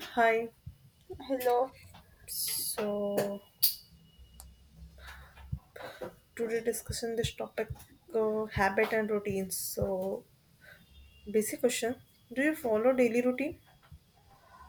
Hi. Hello. So today discussion this topic habit and routines. So basic question: Do you follow daily routine?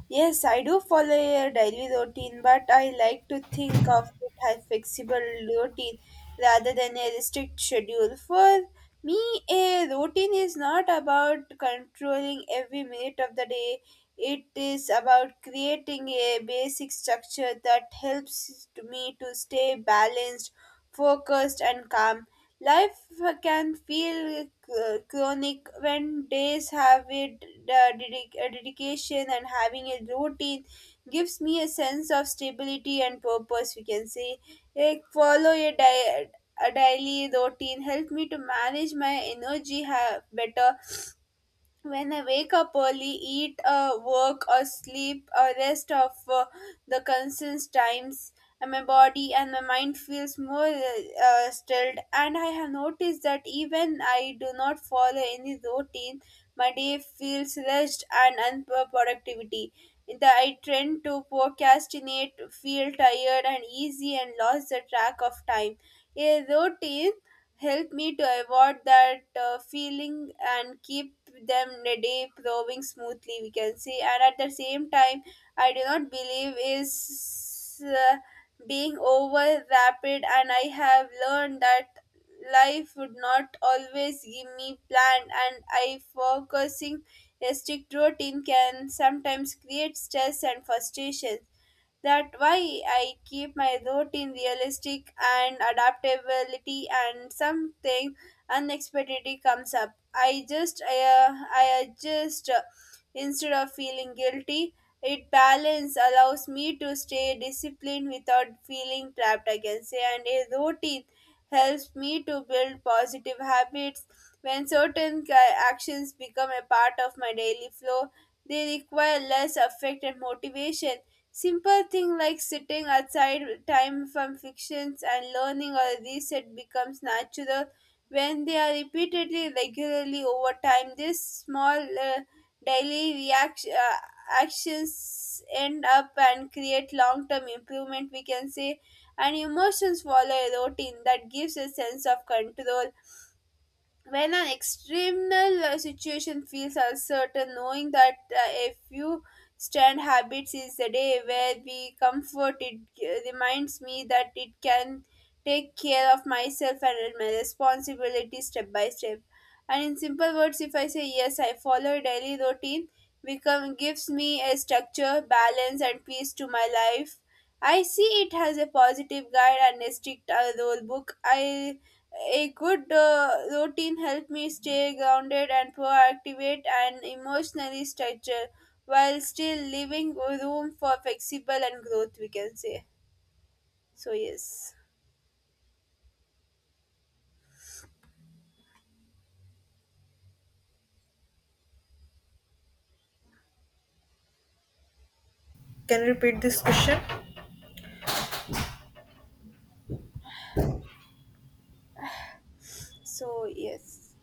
Yes, I do follow a daily routine, but I like to think of it as flexible routine rather than a strict schedule. For me, a routine is not about controlling every minute of the day. It is about creating a basic structure that helps to me to stay balanced, focused, and calm. Life can feel chronic when days have a a dedication and having a routine gives me a sense of stability and purpose. We can say, like follow a di a daily routine help me to manage my energy better when I wake up early, eat, work, or sleep, or rest of the constant times, and my body and my mind feels more stilled. And I have noticed that even I do not follow any routine, my day feels rushed and unproductivity. That I tend to procrastinate, feel tired and easy, and lost the track of time. A routine help me to avoid that feeling and keep them the day flowing smoothly we can say, and at the same time I do not believe is being over rapid, and I have learned that life would not always give me plan, and I focusing a strict routine can sometimes create stress and frustration, that why I keep my routine realistic and adaptability, and something unexpectedly comes up. I adjust instead of feeling guilty. It balance allows me to stay disciplined without feeling trapped, I can say, and a routine helps me to build positive habits. When actions become a part of my daily flow, they require less effort and motivation. Simple thing like sitting aside time from fictions and learning or reset becomes natural when they are repeatedly regularly over time. These small daily reaction actions end up and create long-term improvement. We can say, and emotions follow a routine that gives a sense of control when an external situation feels uncertain, knowing that a few stand habits is the day where we comfort, it reminds me that it can take care of myself and my responsibility step by step. And in simple words, if I say yes, I follow a daily routine, become gives me a structure, balance, and peace to my life. I see it as a positive guide and a strict rule book. I a good routine helps me stay grounded and proactive and emotionally structured, while still leaving room for flexible and growth, we can say. So, yes. Can you repeat this question? So, yes.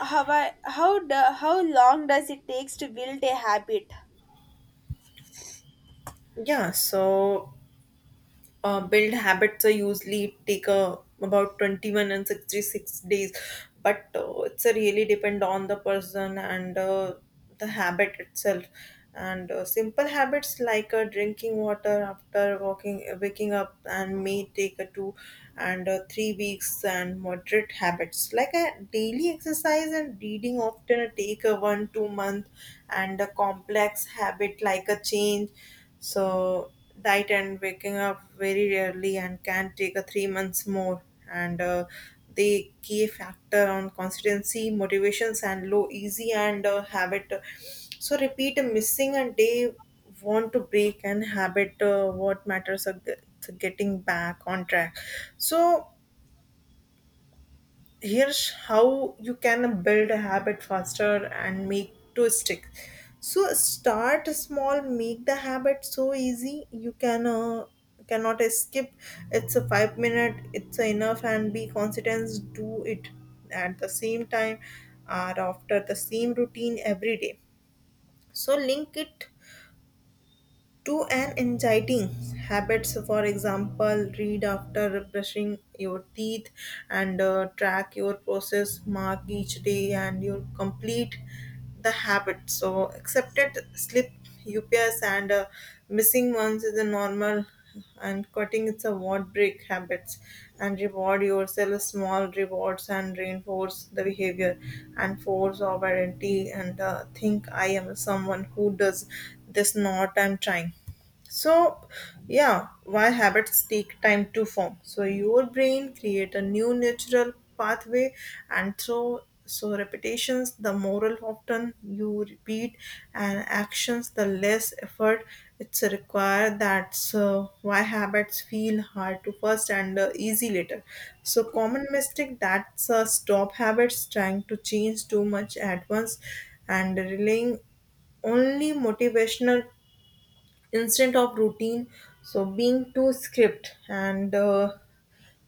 How, I, how, do, How long does it takes to build a habit? Yeah. So build habits are usually take a, about 21 and 66 days but it's a really depend on the person and the habit itself and simple habits like drinking water after walking waking up and may take a two and 3 weeks and moderate habits like a daily exercise and reading often take a 1 2 month and a complex habit like a change so diet and waking up very rarely and can take a 3 months more. And The key factor on consistency, motivations, and low easy and habit. So repeat a missing a day want to break and habit. What matters are getting back on track. So here's how you can build a habit faster and make to stick so start small make the habit so easy you cannot skip it's a 5 minute it's enough and be consistent do it at the same time or after the same routine every day so link it to an exciting habits for example read after brushing your teeth and track your process mark each day and you complete the habit so accepted slip ups and missing ones is a normal and cutting its award break habits and reward yourself small rewards and reinforce the behavior and force of identity and think I am someone who does this not I'm trying so, yeah, why habits take time to form. So your brain create a new natural pathway, and so so repetitions. The more often you repeat and actions, the less effort it's required. That's why habits feel hard to first and easy later. So common mistake that's stop habits, trying to change too much at once, and relying only motivational instead of routine so being too script and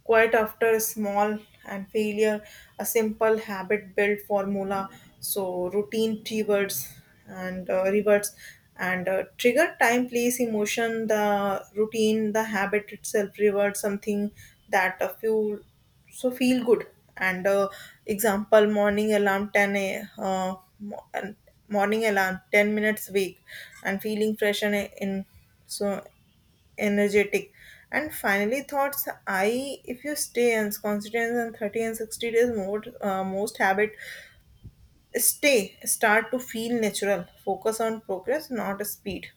quite after a small and failure, a simple habit built formula, so routine keywords and reverts and trigger time, place, emotion, the routine, the habit itself, reward something that a few so feel good and example morning alarm 10 a uh, mo- and morning alarm 10 minutes wake and feeling fresh and in so energetic. And finally, thoughts. I if you stay and consistent, and 30 and 60 days more most habit stay start to feel natural. Focus on progress, not speed.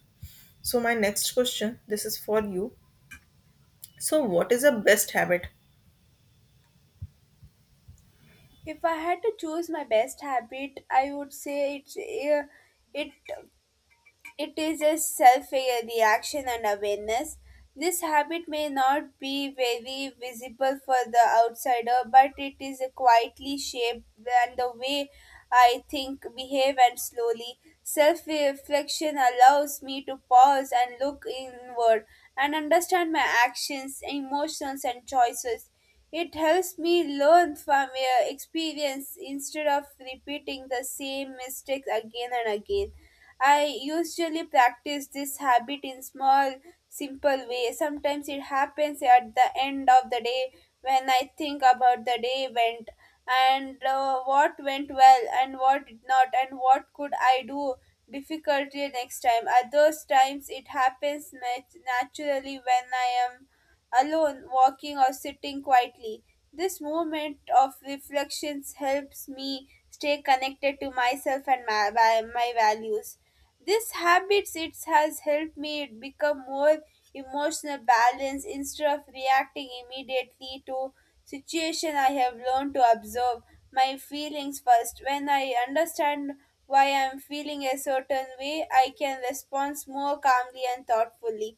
So my next question. This is for you. So what is the best habit. If I had to choose my best habit, I would say it it teaches self reaction and awareness. This habit may not be very visible for the outsider, but it is quietly shaped and the way I think, behave, and slowly. Self reflection allows me to pause and look inward and understand my actions, emotions, and choices. It helps me learn from experience instead of repeating the same mistakes again and again. I usually practice this habit in small, simple ways. Sometimes it happens at the end of the day when I think about the day went and what went well and what did not and what could I do difficulty next time. At those times, it happens naturally when I am alone, walking or sitting quietly. This moment of reflections helps me stay connected to myself and my values. This habit it has helped me become more emotional balanced. Instead of reacting immediately to situation, I have learned to observe my feelings first. When I understand why I am feeling a certain way, I can respond more calmly and thoughtfully.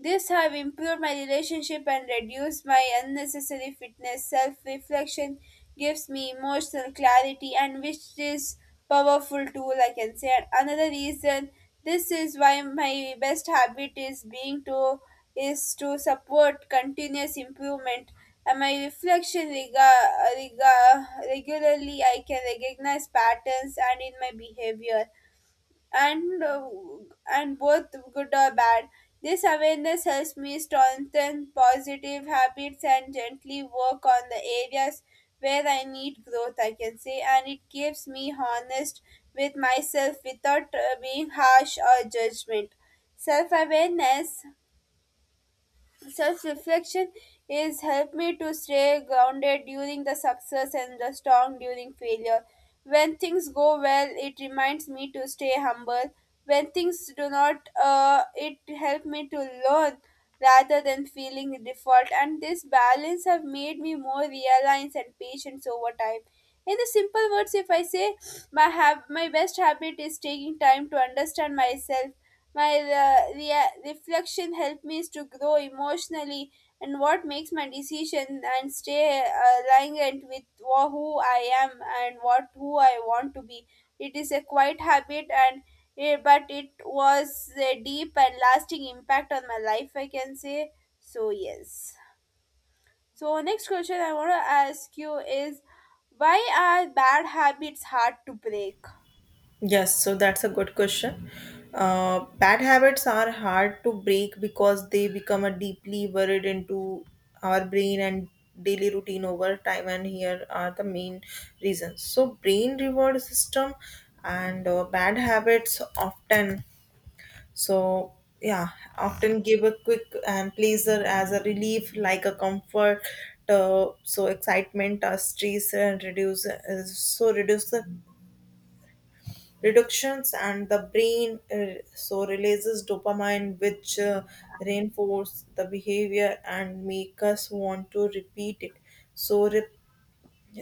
This have improved my relationship and reduced my unnecessary fitness. Self reflection gives me emotional clarity, and which is powerful tool I can say. And another reason this is why my best habit is being to is to support continuous improvement. And my reflection regularly, I can recognize patterns and in my behavior and uh, and both good or bad. This awareness helps me strengthen positive habits and gently work on the areas where I need growth, I can say, and it keeps me honest with myself without being harsh or judgment. Self awareness Self reflection is helped me to stay grounded during the success and the strong during failure. When things go well, it reminds me to stay humble. When things do not, it helped me to learn rather than feeling default. And this balance have made me more realized and patient over time. In the simple words, if I say my my best habit is taking time to understand myself. My reflection helped me to grow emotionally and what makes my decision and stay aligned with who I am and what who I want to be. It is a quiet habit and but it was a deep and lasting impact on my life I can say. So yes. So next question I want to ask you is why are bad habits hard to break? Yes, so that's a good question. Bad habits are hard to break because they become a deeply buried into our brain and daily routine over time. And here are the main reasons. So, brain reward system and bad habits often so yeah often give a quick and pleasure as a relief like a comfort excitement stress and reduce reduce the reductions and the brain releases dopamine which reinforce the behavior and make us want to repeat it so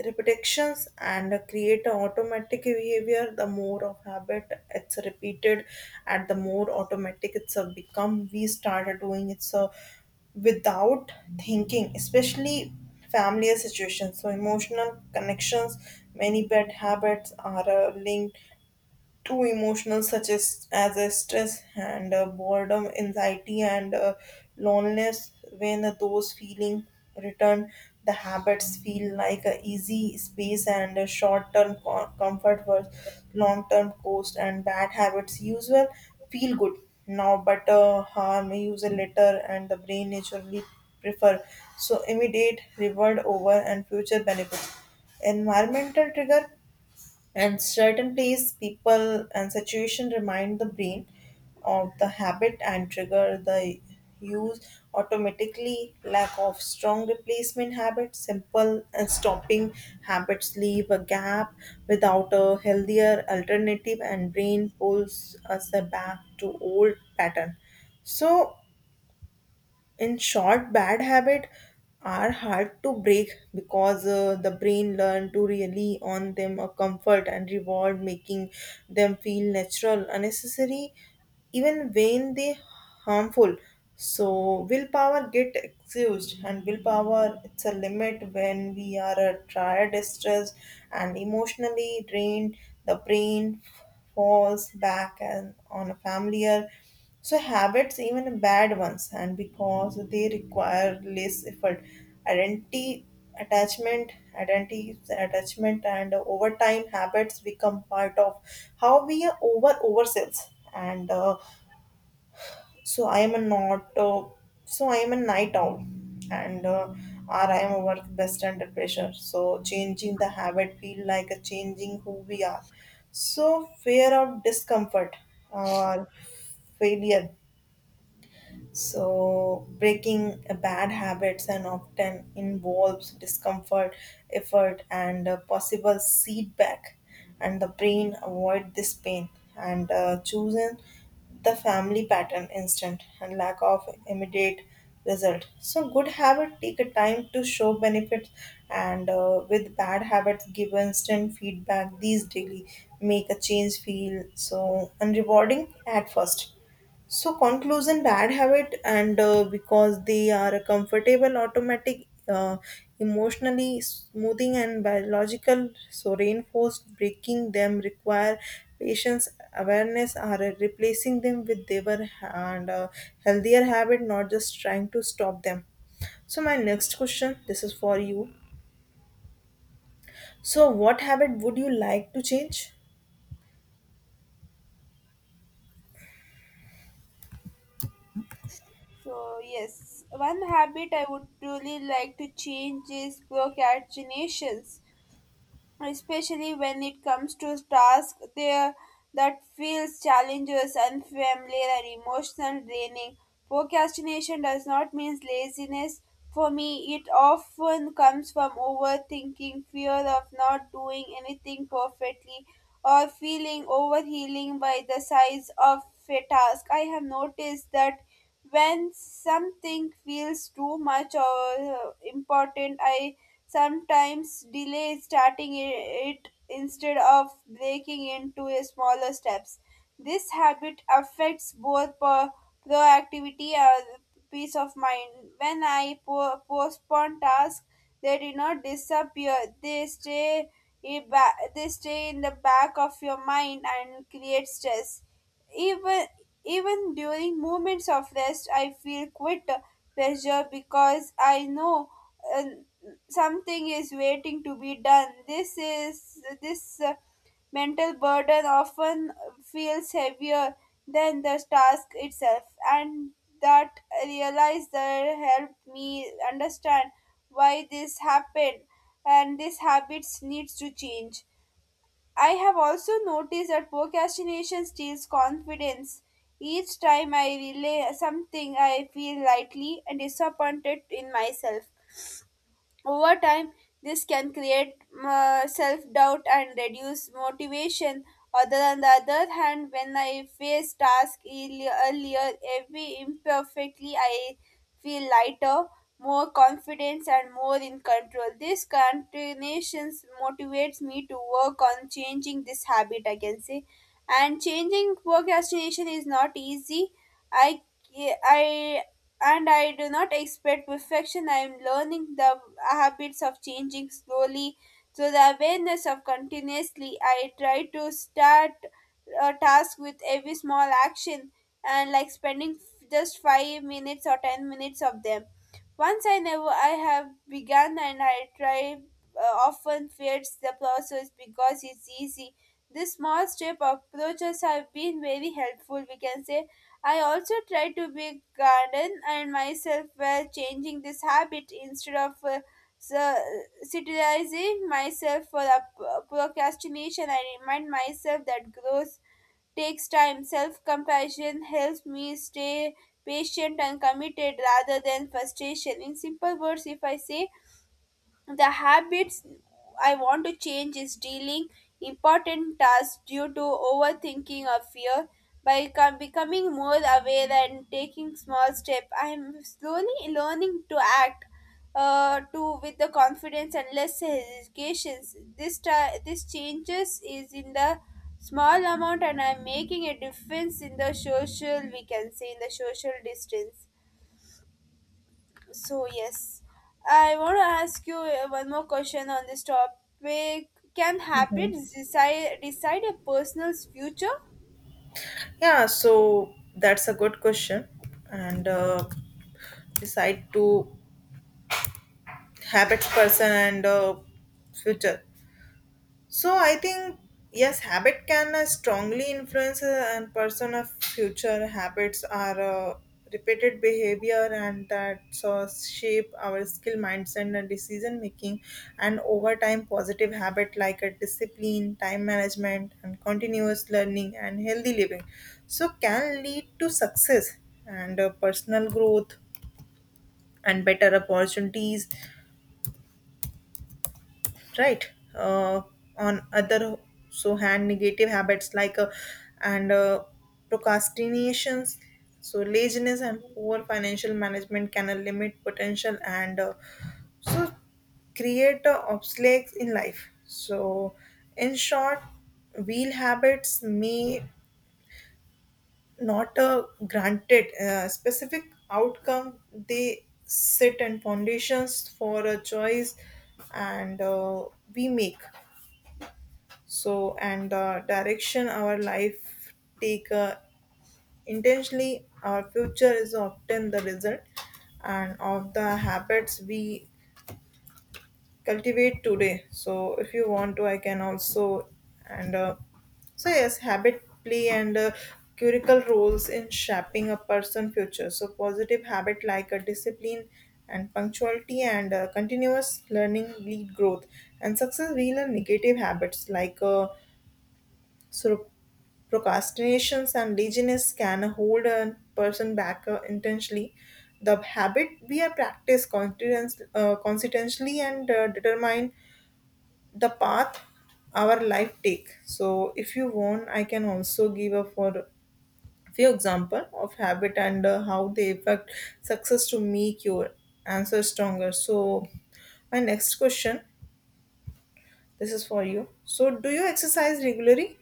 repetitions and create an automatic behavior the more of habit it's repeated and the more automatic it's a become we started doing it so without thinking, especially familiar situations. So, emotional connections, many bad habits are linked too emotional, such as a stress and boredom, anxiety, and loneliness. When those feelings return, the habits feel like a easy space and a short-term comfort versus long-term cost. And bad habits usually feel good now, but harm usual later, and the brain naturally prefer so immediate reward over and future benefits environmental trigger and certain place people and situation remind the brain of the habit and trigger the use automatically lack of strong replacement habits simple and stopping habits leave a gap without a healthier alternative and brain pulls us back to old pattern so in short bad habits are hard to break because the brain learn to rely on them a comfort and reward making them feel natural unnecessary even when they harmful so willpower get excused and willpower it's a limit when we are tired stressed and emotionally drained the brain falls back and on a familiar so habits, even bad ones, and because they require less effort, identity, attachment, identity, attachment, and over time habits become part of how we are over ourselves. And so I am a not, so I am a night owl, and or I am a work best under pressure. So changing the habit feel like a changing who we are. So fear of discomfort or failure so, breaking bad habits and often involves discomfort, effort, and possible feedback. And the brain avoid this pain and choosing the family pattern instant and lack of immediate result. So, good habit take a time to show benefits, and with bad habits, give instant feedback. These daily make a change feel so unrewarding at first so conclusion bad habit and because they are a comfortable automatic emotionally smoothing and biological so reinforced breaking them require patience awareness are replacing them with their and healthier habit not just trying to stop them. So my next question this is for you. So what habit would you like to change? So, yes, one habit I would really like to change is procrastinations, especially when it comes to tasks there that feels challenges, unfamiliar and emotional draining. Procrastination does not mean laziness. For me, it often comes from overthinking, fear of not doing anything perfectly, or feeling overwhelmed by the size of a task. I have noticed that when something feels too much or important, I sometimes delay starting it instead of breaking into a smaller steps. This habit affects both proactivity and peace of mind. When I postpone tasks, they do not disappear. They stay they stay in the back of your mind and create stress. Even Even during moments of rest, I feel quite pressure because I know uh, something is waiting to be done. This is this mental burden often feels heavier than the task itself, and that realize that helped me understand why this happened, and these habits needs to change. I have also noticed that procrastination steals confidence. Each time I relay something, I feel lightly and disappointed in myself. Over time, this can create self doubt and reduce motivation. Other on the other hand, when I face tasks earlier, every imperfectly, I feel lighter, more confident, and more in control. This continuation motivates me to work on changing this habit, I can say. And changing procrastination is not easy. I I I do not expect perfection. I am learning the habits of changing slowly through the awareness of continuously. I try to start a task with every small action and like spending just 5 minutes or 10 minutes of them. Once I never I have begun and I try uh, often fears the process because it's easy. This small step approaches have been very helpful. We can say I also try to be garden and myself while changing this habit instead of so- criticizing myself for the procrastination. I remind myself that growth takes time. Self compassion helps me stay patient and committed rather than frustration. In simple words, if I say the habits I want to change is dealing important tasks due to overthinking or fear. By becoming more aware and taking small steps, I am slowly learning to act to with the confidence and less hesitation. This ti this changes is in the small amount, and I'm making a difference in the social. We can say in the social distance. So yes, I want to ask you one more question on this topic. Can Mhm. habits decide a person's future? Yeah, so that's a good question, and decide to habits person and future so I think yes habit can strongly influence and person of future habits are repeated behavior and that so shape our skill mindset and decision making and over time positive habit like a discipline time management and continuous learning and healthy living so can lead to success and personal growth and better opportunities right uh, on other so hand negative habits like and procrastinations so laziness and poor financial management can limit potential and so create obstacles in life so in short wheel habits may not granted specific outcome they sit and foundations for a choice and we make so and the direction our life take intentionally our future is often the result and of the habits we cultivate today so if you want to I can also and so yes habit play and curical roles in shaping a person future so positive habit like a discipline and punctuality and continuous learning lead growth and success we learn negative habits like so procrastinations and laziness can hold a person back intentionally. The habit we are practice consistently and determine the path our life take. So if you want, I can also give a for few example of habit and how they affect success to make your answer stronger. So my next question, this is for you. So do you exercise regularly?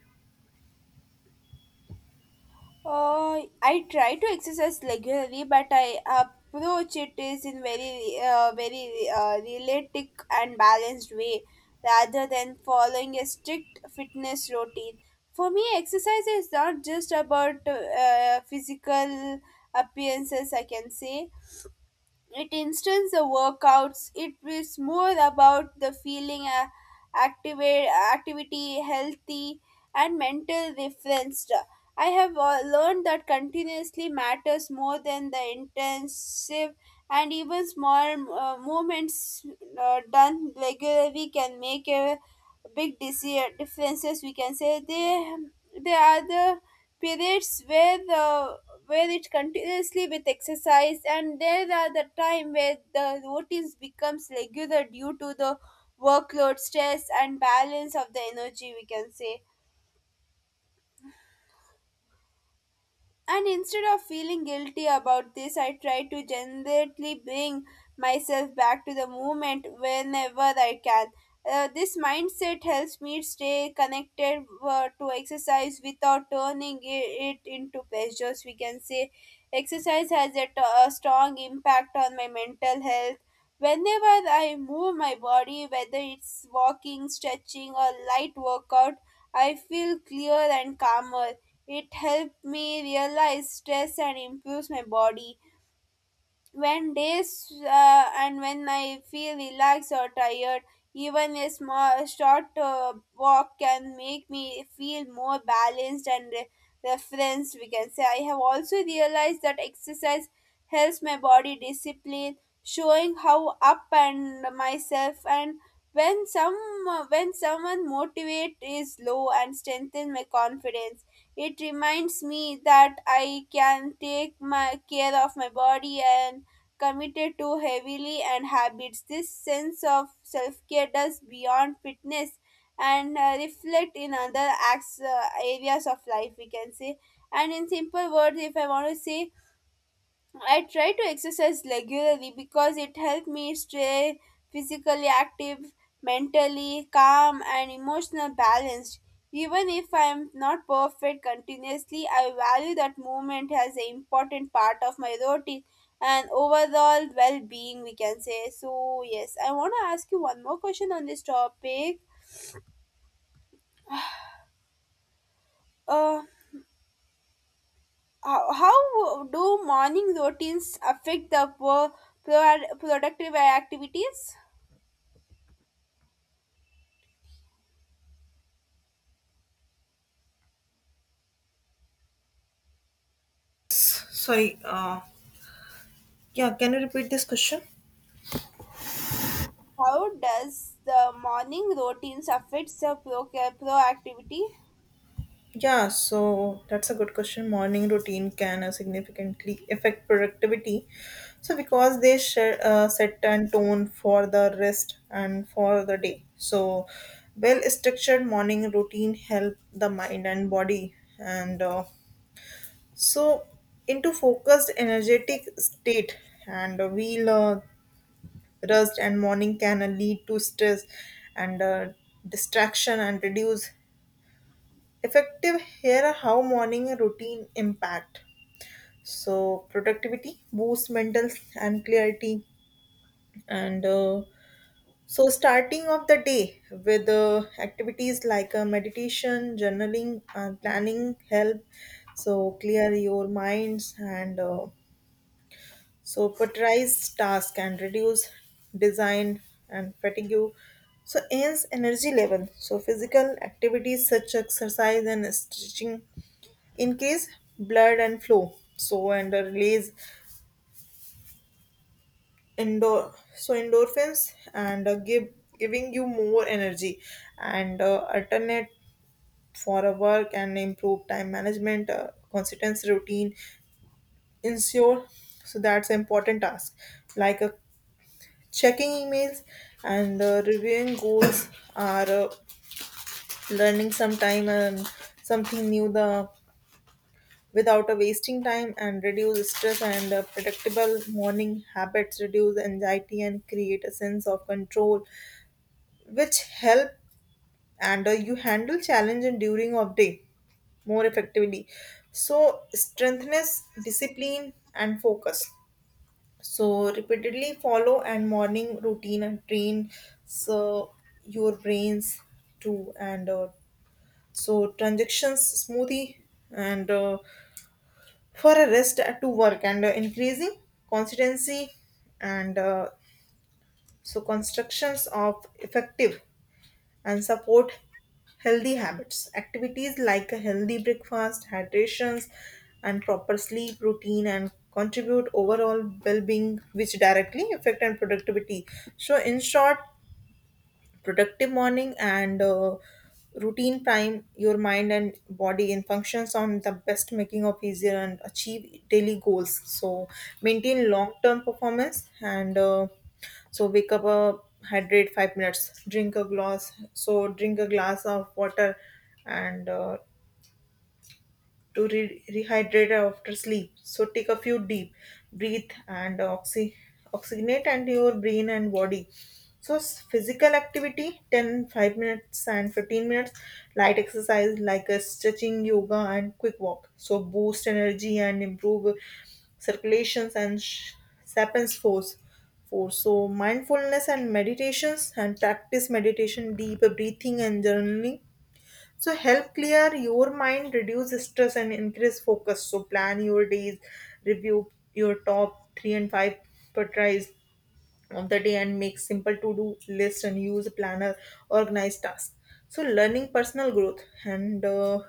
I try to exercise regularly, but I approach it is in very realistic and balanced way, rather than following a strict fitness routine. For me, exercise is not just about physical appearances. I can say it instance the workouts it is more about the feeling activate activity healthy and mental refreshed. I have learned that continuously matters more than the intensive, and even small movements done regularly can make a big differences, we can say. They are the periods where the where it continuously with exercise, and there are the time where the routines becomes regular due to the workload stress and balance of the energy, we can say. And instead of feeling guilty about this, I try to gently bring myself back to the moment whenever I can. This mindset helps me stay connected to exercise without turning it into pleasures. We can say exercise has a strong impact on my mental health. Whenever I move my body, whether it's walking, stretching, or light workout, I feel clear and calmer. It helped me realize stress and improves my body when days, and when I feel relaxed or tired, even a small short walk can make me feel more balanced and referenced. We can say I have also realized that exercise helps my body discipline, showing how up and myself and when some when someone motivate is low and strengthen my confidence. It reminds me that I can take my care of my body and committed to heavily and habits. This sense of self care does beyond fitness and reflect in other acts, areas of life, we can say. And in simple words, if I want to say, I try to exercise regularly because it helps me stay physically active, mentally calm, and emotionally balanced. Even if I am not perfect continuously, I value that movement as an important part of my routine and overall well being, we can say. So, yes, I want to ask you one more question on this topic. Uh, how, how do morning routines affect the productive activities? Sorry yeah, can you repeat this question? How does the morning routines affect the proactivity? Yeah, so that's a good question. Morning routine can significantly affect productivity. So, because they share, set and tone for the rest and for the day. So, well structured morning routine help the mind and body and so into focused energetic state and we'll rest and morning can lead to stress and distraction and reduce effective here are how morning routine impact so productivity boosts mental and clarity and starting of the day with activities like meditation journaling planning help so clear your minds and prioritize task and reduce design and fatigue so enhance energy level so physical activities such exercise and stretching increase blood and flow so and release endorphins and give giving you more energy and alternate for a work and improve time management consistency routine ensure so that's an important task like checking emails and reviewing goals or uh, learning sometime something new the without a wasting time and reduce stress and predictable morning habits reduce anxiety and create a sense of control which help and you handle challenge and during of day more effectively so strengthness discipline and focus so repeatedly follow and morning routine and train so your brains too and transactions smoothie and for a rest to work and increasing consistency and constructions of effective and support healthy habits activities like a healthy breakfast hydrations and proper sleep routine and contribute overall well-being which directly affect and productivity so in short productive morning and routine prime your mind and body in functions on the best making of easier and achieve daily goals so maintain long term performance and wake up hydrate 5 minutes drink a glass so drink a glass of water and to rehydrate after sleep. So take a few deep breath and oxygenate and your brain and body. So physical activity 10 5 minutes and 15 minutes light exercise like a stretching yoga and quick walk so boost energy and improve circulations and sappens force force so mindfulness and meditations and practice meditation deep breathing and journaling so help clear your mind, reduce stress, and increase focus. So plan your days, review your top three and five priorities of the day, and make simple to-do list and use a planner, organize tasks. So learning personal growth and uh,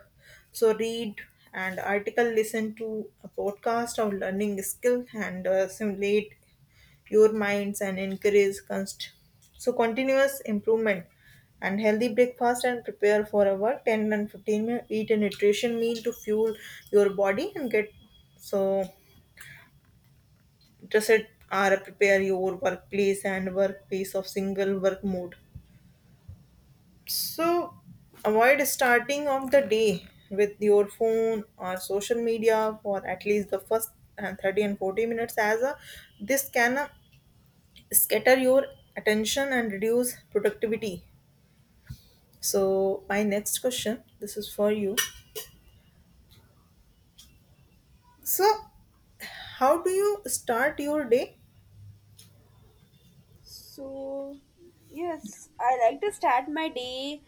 so read and article, listen to a podcast of learning skill and simulate pure minds and encourage continuous improvement and healthy breakfast and prepare for our 10 and 15 minute eat a nutrition meal to fuel your body and get so interested are prepare your workplace and workplace of single work mode so avoid starting of the day with your phone or social media for at least the first 30 and 40 minutes as a, this can scatter your attention and reduce productivity. So, my next question this is for you. So, how do you start your day? So, yes, I like to start my day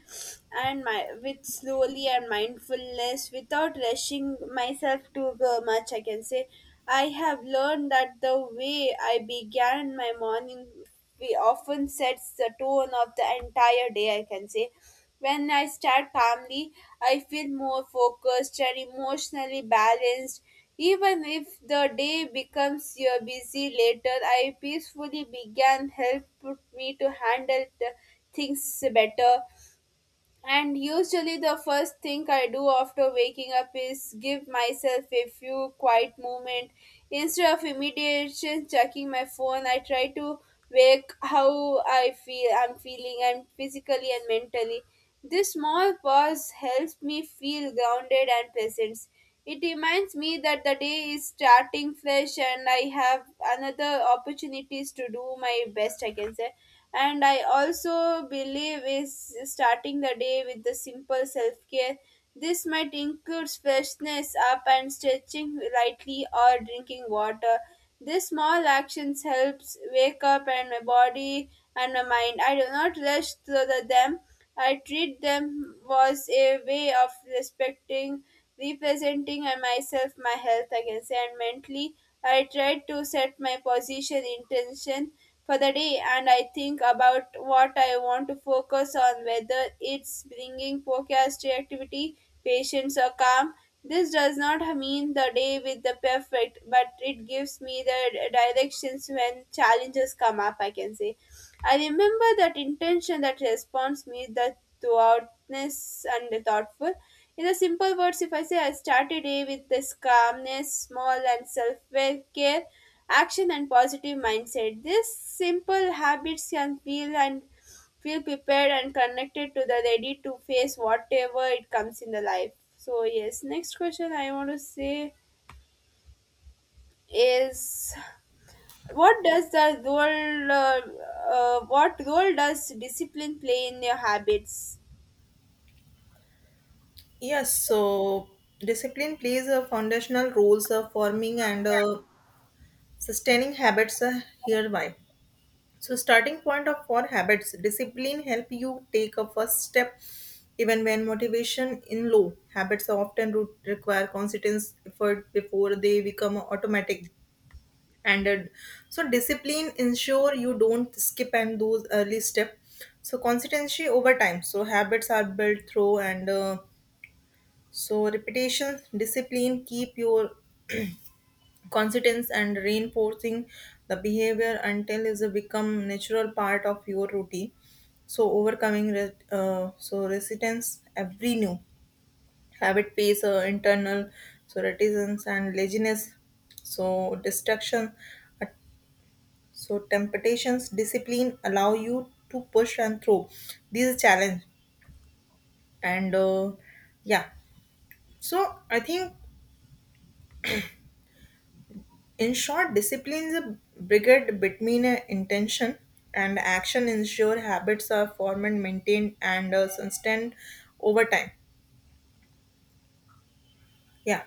and my with slowly and mindfulness without rushing myself much. I can say I have learned that the way I began my morning we often sets the tone of the entire day. I can say when I start calmly, I feel more focused and emotionally balanced. Even if the day becomes your busy later, I peacefully began help put me to handle the things better. And usually, the first thing I do after waking up is give myself a few quiet moment. Instead of immediately checking my phone, I try to wake how I feel. I'm feeling, and physically and mentally. This small pause helps me feel grounded and present. It reminds me that the day is starting fresh, and I have another opportunities to do my best, I can say. And I also believe is starting the day with the simple self-care. This might include freshness up and stretching lightly or drinking water. These small actions helps wake up and my body and my mind. I do not rush through them. I treat them was a way of respecting, representing and myself my health, I can say. And mentally I try to set my position intention for the day, and I think about what I want to focus on, whether it's bringing focus, creativity, patience, or calm. This does not mean the day with the perfect, but it gives me the directions when challenges come up, I can say. I remember that intention that responds me the thoughtness and the thoughtful. In the simple words, if I say I start a day with this calmness, small and self care, action and positive mindset. These simple habits can feel and feel prepared and connected to the ready to face whatever it comes in the life. So yes, next question I want to say is, what does the role what role does discipline play in your habits? Yes, so discipline plays a foundational roles of forming and sustaining habits hereby. So, starting point of for habits, discipline help you take a first step even when motivation in low. Habits often require consistent effort before they become automatic. And discipline ensure you don't skip and those early step so consistency over time so habits are built through and repetition discipline keep your consistence and reinforcing the behavior until is a become natural part of your routine so overcoming resistance every new habit face internal so reticence and laziness so distraction a so temptations, discipline allow you to push and through these challenge. And yeah, so I think in short, discipline is a brigade between intention and action. Ensure habits are formed and maintained and sustained over time. Yeah.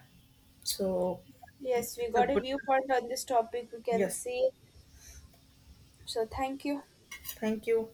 So Yes, we it's a got a good. viewpoint on this topic we can Yes. see. So thank you. Thank you.